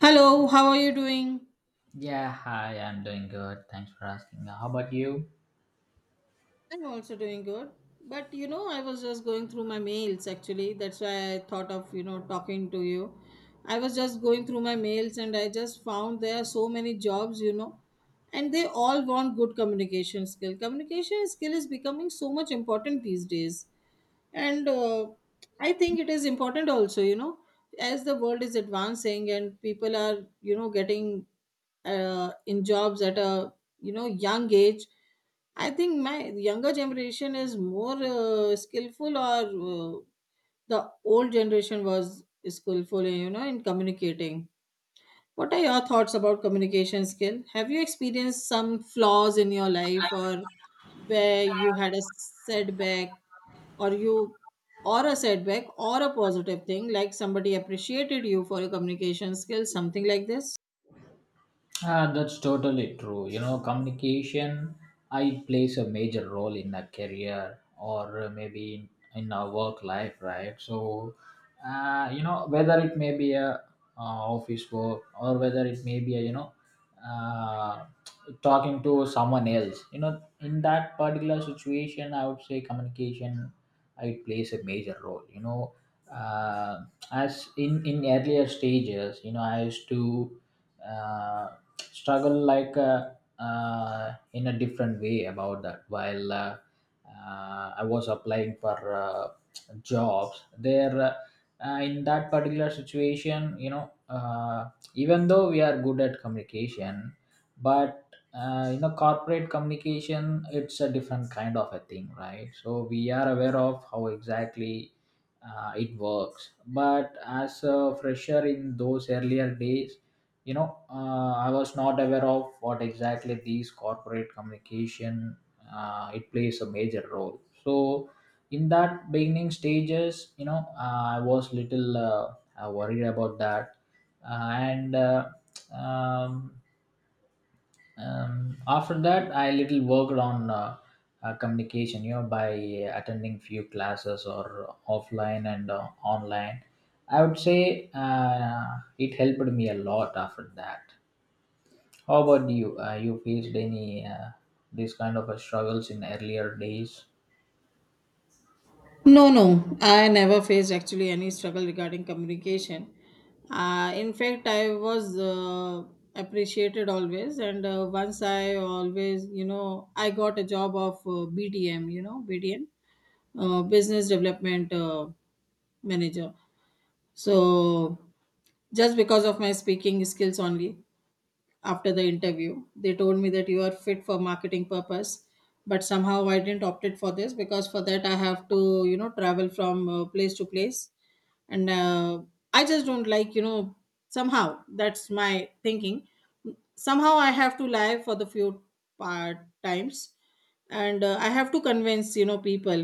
Hello, how are you doing? Yeah, hi, I'm doing good. Thanks for asking. How about you? I'm also doing good. But you know, I was just going through my mails actually. That's why I thought of, you know, talking to you. I was just going through my mails and I just found there are so many jobs, you know, and they all want good communication skill. Communication skill is becoming so much important these days. And I think it is important also, you know, as the world is advancing and people are, you know, getting in jobs at a, you know, young age. I think my younger generation is more skillful, or the old generation was skillful, you know, in communicating. What are your thoughts about communication skill? Have you experienced some flaws in your life, or where you had a setback, or you, or a setback, or a positive thing, like somebody appreciated you for your communication skills, something like this? Ah, that's totally true. You know, communication I plays a major role in a career or maybe in our work life, right? So, you know, whether it may be a office work or whether it may be a, you know, uh, talking to someone else, you know, in that particular situation, I would say communication it plays a major role, you know. uh, as in earlier stages, you know, I used to uh, struggle like in a different way about that while I was applying for uh, jobs there. In that particular situation, you know, uh, even though we are good at communication, but you know, corporate communication, it's a different kind of a thing, right? So we are aware of how exactly it works, but as a fresher in those earlier days, you know, I was not aware of what exactly these corporate communication it plays a major role. So in that beginning stages, you know, I was little worried about that. And um, After that, I little worked on communication, you know, by attending few classes or offline and online. I would say it helped me a lot after that. How about you? You faced any these kind of struggles in earlier days? No, no, I never faced actually any struggle regarding communication. In fact, I was appreciated always, and once I always, you know, I got a job of BDM, you know, BDM, Business Development Manager. So just because of my speaking skills only after the interview. They told me that you are fit for marketing purpose, but somehow I didn't opted for this because for that I have to, you know, travel from place to place, and I just don't like, you know. Somehow that's my thinking. Somehow I have to lie for the few part times, and I have to convince, you know, people.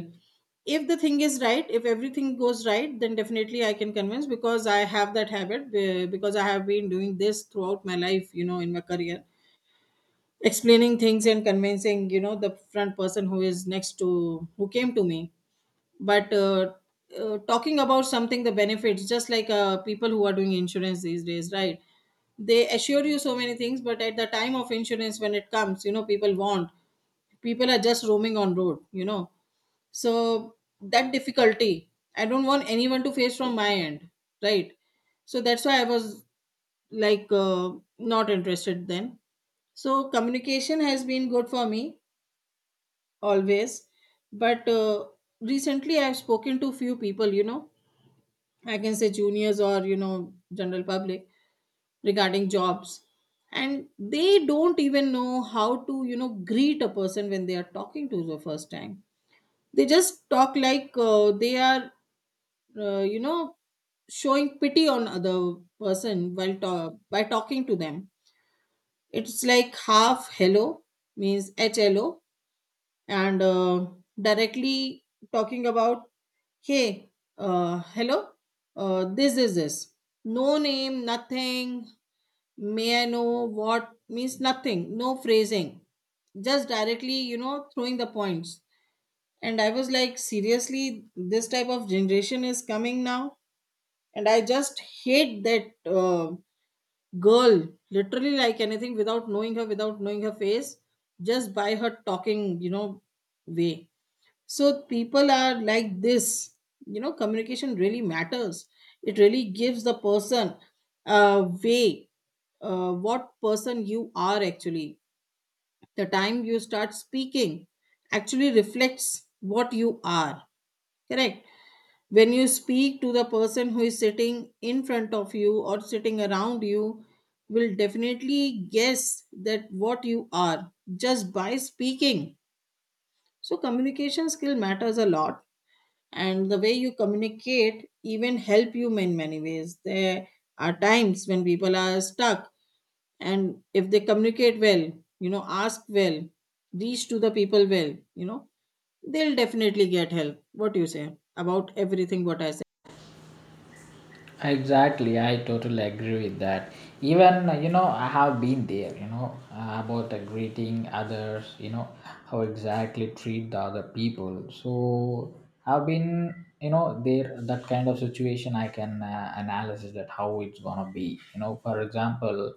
If the thing is right, if everything goes right, then definitely I can convince, because I have that habit because I have been doing this throughout my life, you know, in my career, explaining things and convincing, you know, the front person who is next to, who came to me. But talking about something, the benefits, just like people who are doing insurance these days, right? They assure you so many things, but at the time of insurance when it comes, you know, people want, people are just roaming on road, you know. So that difficulty I don't want anyone to face from my end, right? So that's why I was like not interested then. So communication has been good for me always. But recently I've spoken to few people, you know, I can say juniors, or, you know, general public, regarding jobs, and they don't even know how to, you know, greet a person when they are talking to the first time. They just talk like they are, you know, showing pity on other person while by talking to them. It's like half hello, means hello, and directly talking about, "Hey, hello, this is this." No name, nothing. "May I know what," means nothing, no phrasing, just directly, you know, throwing the points. And I was like, seriously, this type of generation is coming now. And I just hate that girl literally like anything, without knowing her, without knowing her face, just by her talking, you know, way. So people are like this, you know. Communication really matters. It really gives the person a way, what person you are actually. The time you start speaking actually reflects what you are, correct? When you speak to the person who is sitting in front of you or sitting around you, will definitely guess that what you are just by speaking. So communication skill matters a lot, and the way you communicate even help you in many ways. There are times when people are stuck, and if they communicate well, you know, ask well, reach to the people well, you know, they'll definitely get help. What do you say about everything what I said? Exactly, I totally agree with that. Even you know, I have been there. You know, about greeting others. You know, how exactly treat the other people. So I've been, you know, there, that kind of situation. I can analyze that how it's gonna be. You know, for example,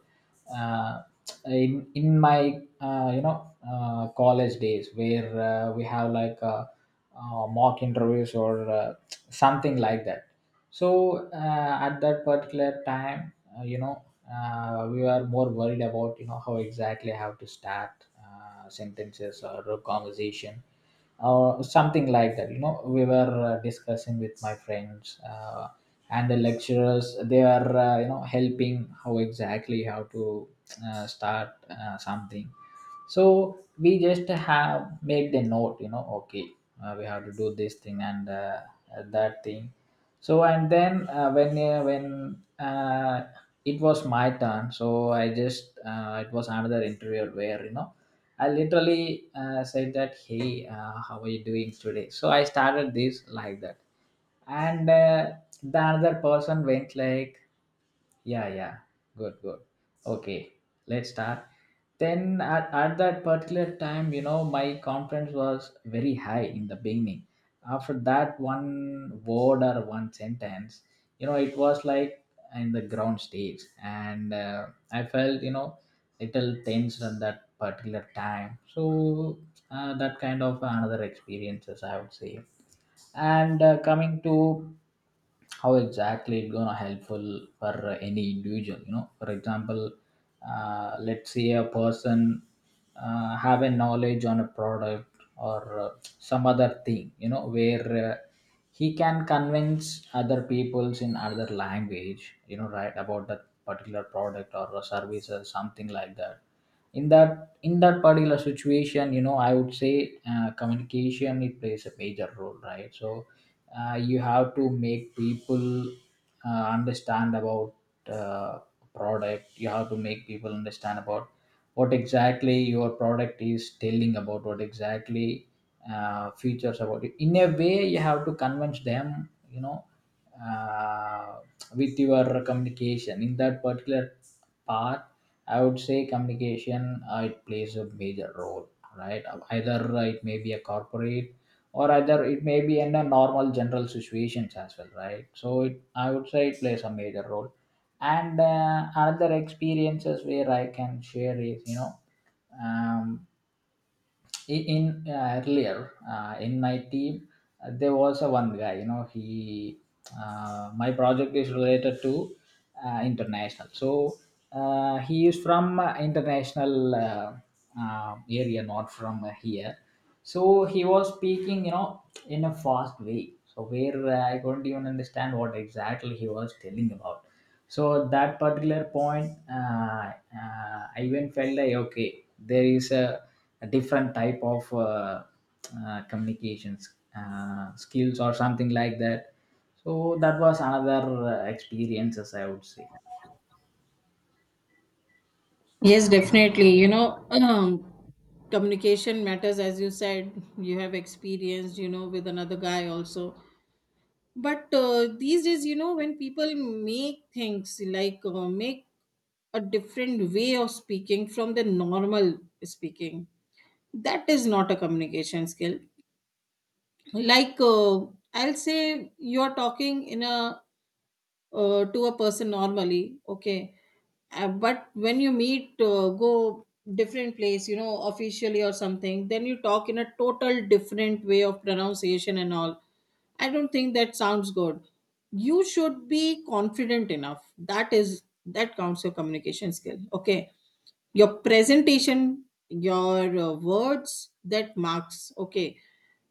uh, in my you know college days where we have like mock interviews or something like that. So at that particular time, you know, we were more worried about, you know, how exactly how to start sentences or a conversation or something like that. You know, we were discussing with my friends, and the lecturers, they are you know helping how exactly how to start something. So we just have made the note, you know, okay, we have to do this thing and that thing. So, and then when it was my turn. So I just it was another interview where, you know, I literally said that, hey, how are you doing today? So I started this like that. And the another person went like, yeah, yeah. Good, good. Okay, let's start. Then at that particular time, you know, my confidence was very high in the beginning. After that one word or one sentence, you know, it was like in the ground stage. And I felt, you know, little tense at that particular time. So that kind of another experiences, I would say. And coming to how exactly it gonna helpful for any individual, you know, for example, let's say a person have a knowledge on a product or some other thing, you know, where he can convince other peoples in other language, you know, right, about that particular product or a service or something like that. In that particular situation, you know, I would say communication it plays a major role, right? So you have to make people understand about uh, product. You have to make people understand about what exactly your product is telling about, what exactly features about it. In a way, you have to convince them, you know, uh, with your communication. In that particular part, I would say communication it plays a major role, right? Either it may be a corporate or either it may be in a normal general situations as well, right? So it, I would say it plays a major role. And another experiences where I can share is, you know, um, I- in earlier, in my team, there was a one guy, you know, he my project is related to international. So he is from international area, not from here. So he was speaking, you know, in a fast way, so where I couldn't even understand what exactly he was telling about. So at that particular point, I even felt like, okay, there is a different type of communications skills or something like that. So that was another experiences, I would say. Yes, definitely, you know, communication matters. As you said, you have experienced, you know, with another guy also. But these days, you know, when people make things like make a different way of speaking from the normal speaking, that is not a communication skill. Like I'll say you're talking in a, to a person normally, okay, but when you meet go different place, you know, officially or something, then you talk in a total different way of pronunciation and all. I don't think that sounds good. You should be confident enough. That is, that counts your communication skill, okay, your presentation, your words, that marks, okay.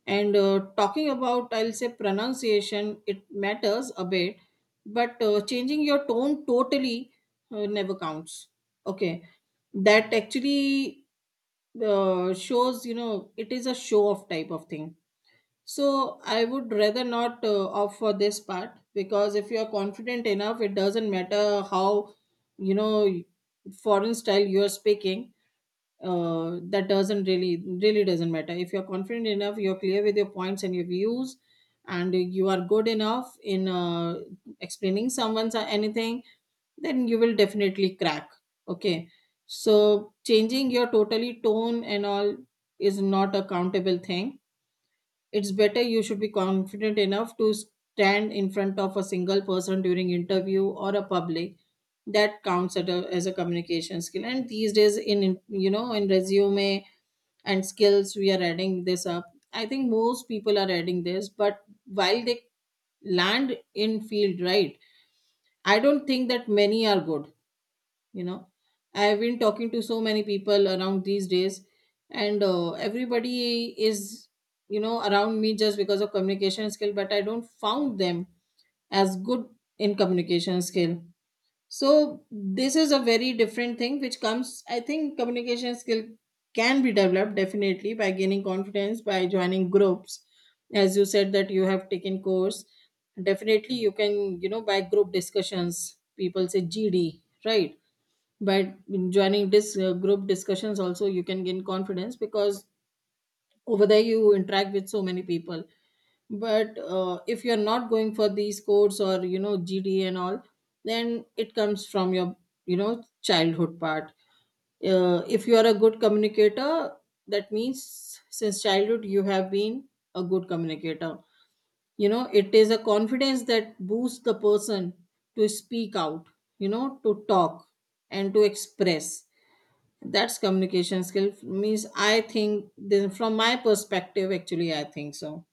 And talking about, I'll say pronunciation, it matters a bit. But changing your tone totally never counts, okay. That actually shows, you know, it is a show off type of thing. So I would rather not opt for this part, because if you are confident enough, it doesn't matter how, you know, foreign style you are speaking. That doesn't really, really doesn't matter. If you're confident enough, you're clear with your points and your views, and you are good enough in explaining someone's anything, then you will definitely crack. Okay, so changing your totally tone and all is not a countable thing. It's better you should be confident enough to stand in front of a single person during interview or a public. That counts at a, as a communication skill. And these days in you know, in resume and skills, we are adding this up. I think most people are adding this, but while they land in field, right, I don't think that many are good, you know. I've been talking to so many people around these days, and everybody is, you know, around me just because of communication skill, but I don't found them as good in communication skill. So this is a very different thing which comes. I think communication skill can be developed definitely by gaining confidence, by joining groups, as you said that you have taken course. Definitely you can, you know, by group discussions, people say GD, right? By joining this group discussions also you can gain confidence, because over there you interact with so many people. But if you're not going for these codes or, you know, GD and all, then it comes from your, you know, childhood part. If you are a good communicator, that means since childhood you have been a good communicator, you know. It is a confidence that boosts the person to speak out, you know, to talk and to express. That's communication skill means, I think this, from my perspective, actually I think so.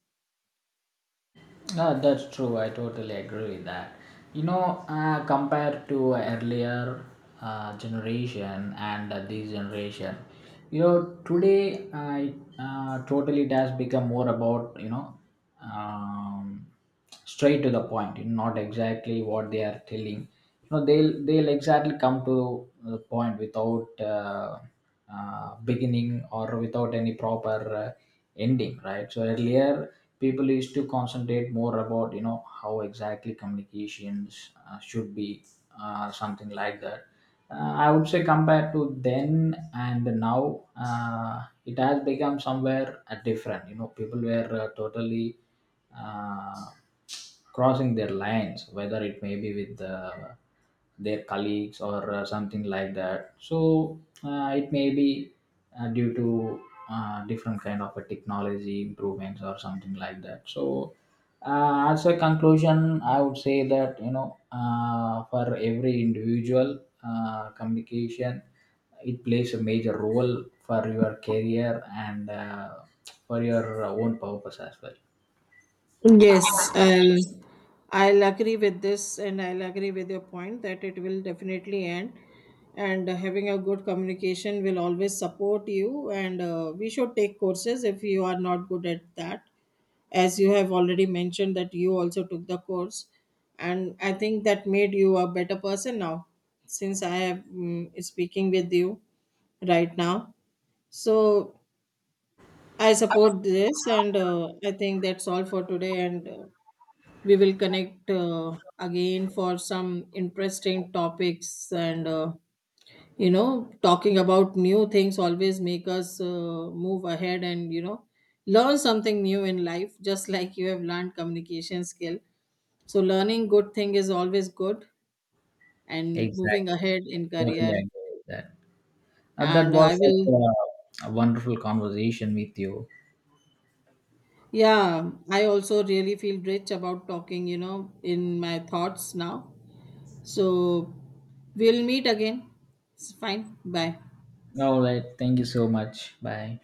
Ah, that's true. I totally agree with that. You know, compared to earlier generation and this generation, you know, today I totally it has become more about, you know, um, straight to the point, you know, not exactly what they are telling. You know, they'll exactly come to the point without uh, beginning or without any proper uh, ending, right? So earlier, people used to concentrate more about, you know, how exactly communications should be something like that. I would say compared to then and now, it has become somewhere different. You know, people were totally uh, crossing their lines, whether it may be with their colleagues or something like that. So it may be due to different kind of a technology improvements or something like that. So as a conclusion, I would say that, you know, for every individual, communication it plays a major role for your career, and for your own purpose as well. Yes, I'll agree with this, and I'll agree with your point that it will definitely end, and having a good communication will always support you. And we should take courses if you are not good at that, as you have already mentioned that you also took the course, and I think that made you a better person now, since I am speaking with you right now. So I support this, and I think that's all for today. And we will connect again for some interesting topics. And you know, talking about new things always make us move ahead, and, you know, learn something new in life. Just like you have learned communication skill, so learning good thing is always good, and moving Exactly. ahead in Totally career. agree with that. That And was I will. such a wonderful conversation with you. Yeah, I also really feel rich about talking, you know, in my thoughts now. So we'll meet again. It's fine. Bye. All right, thank you so much. Bye.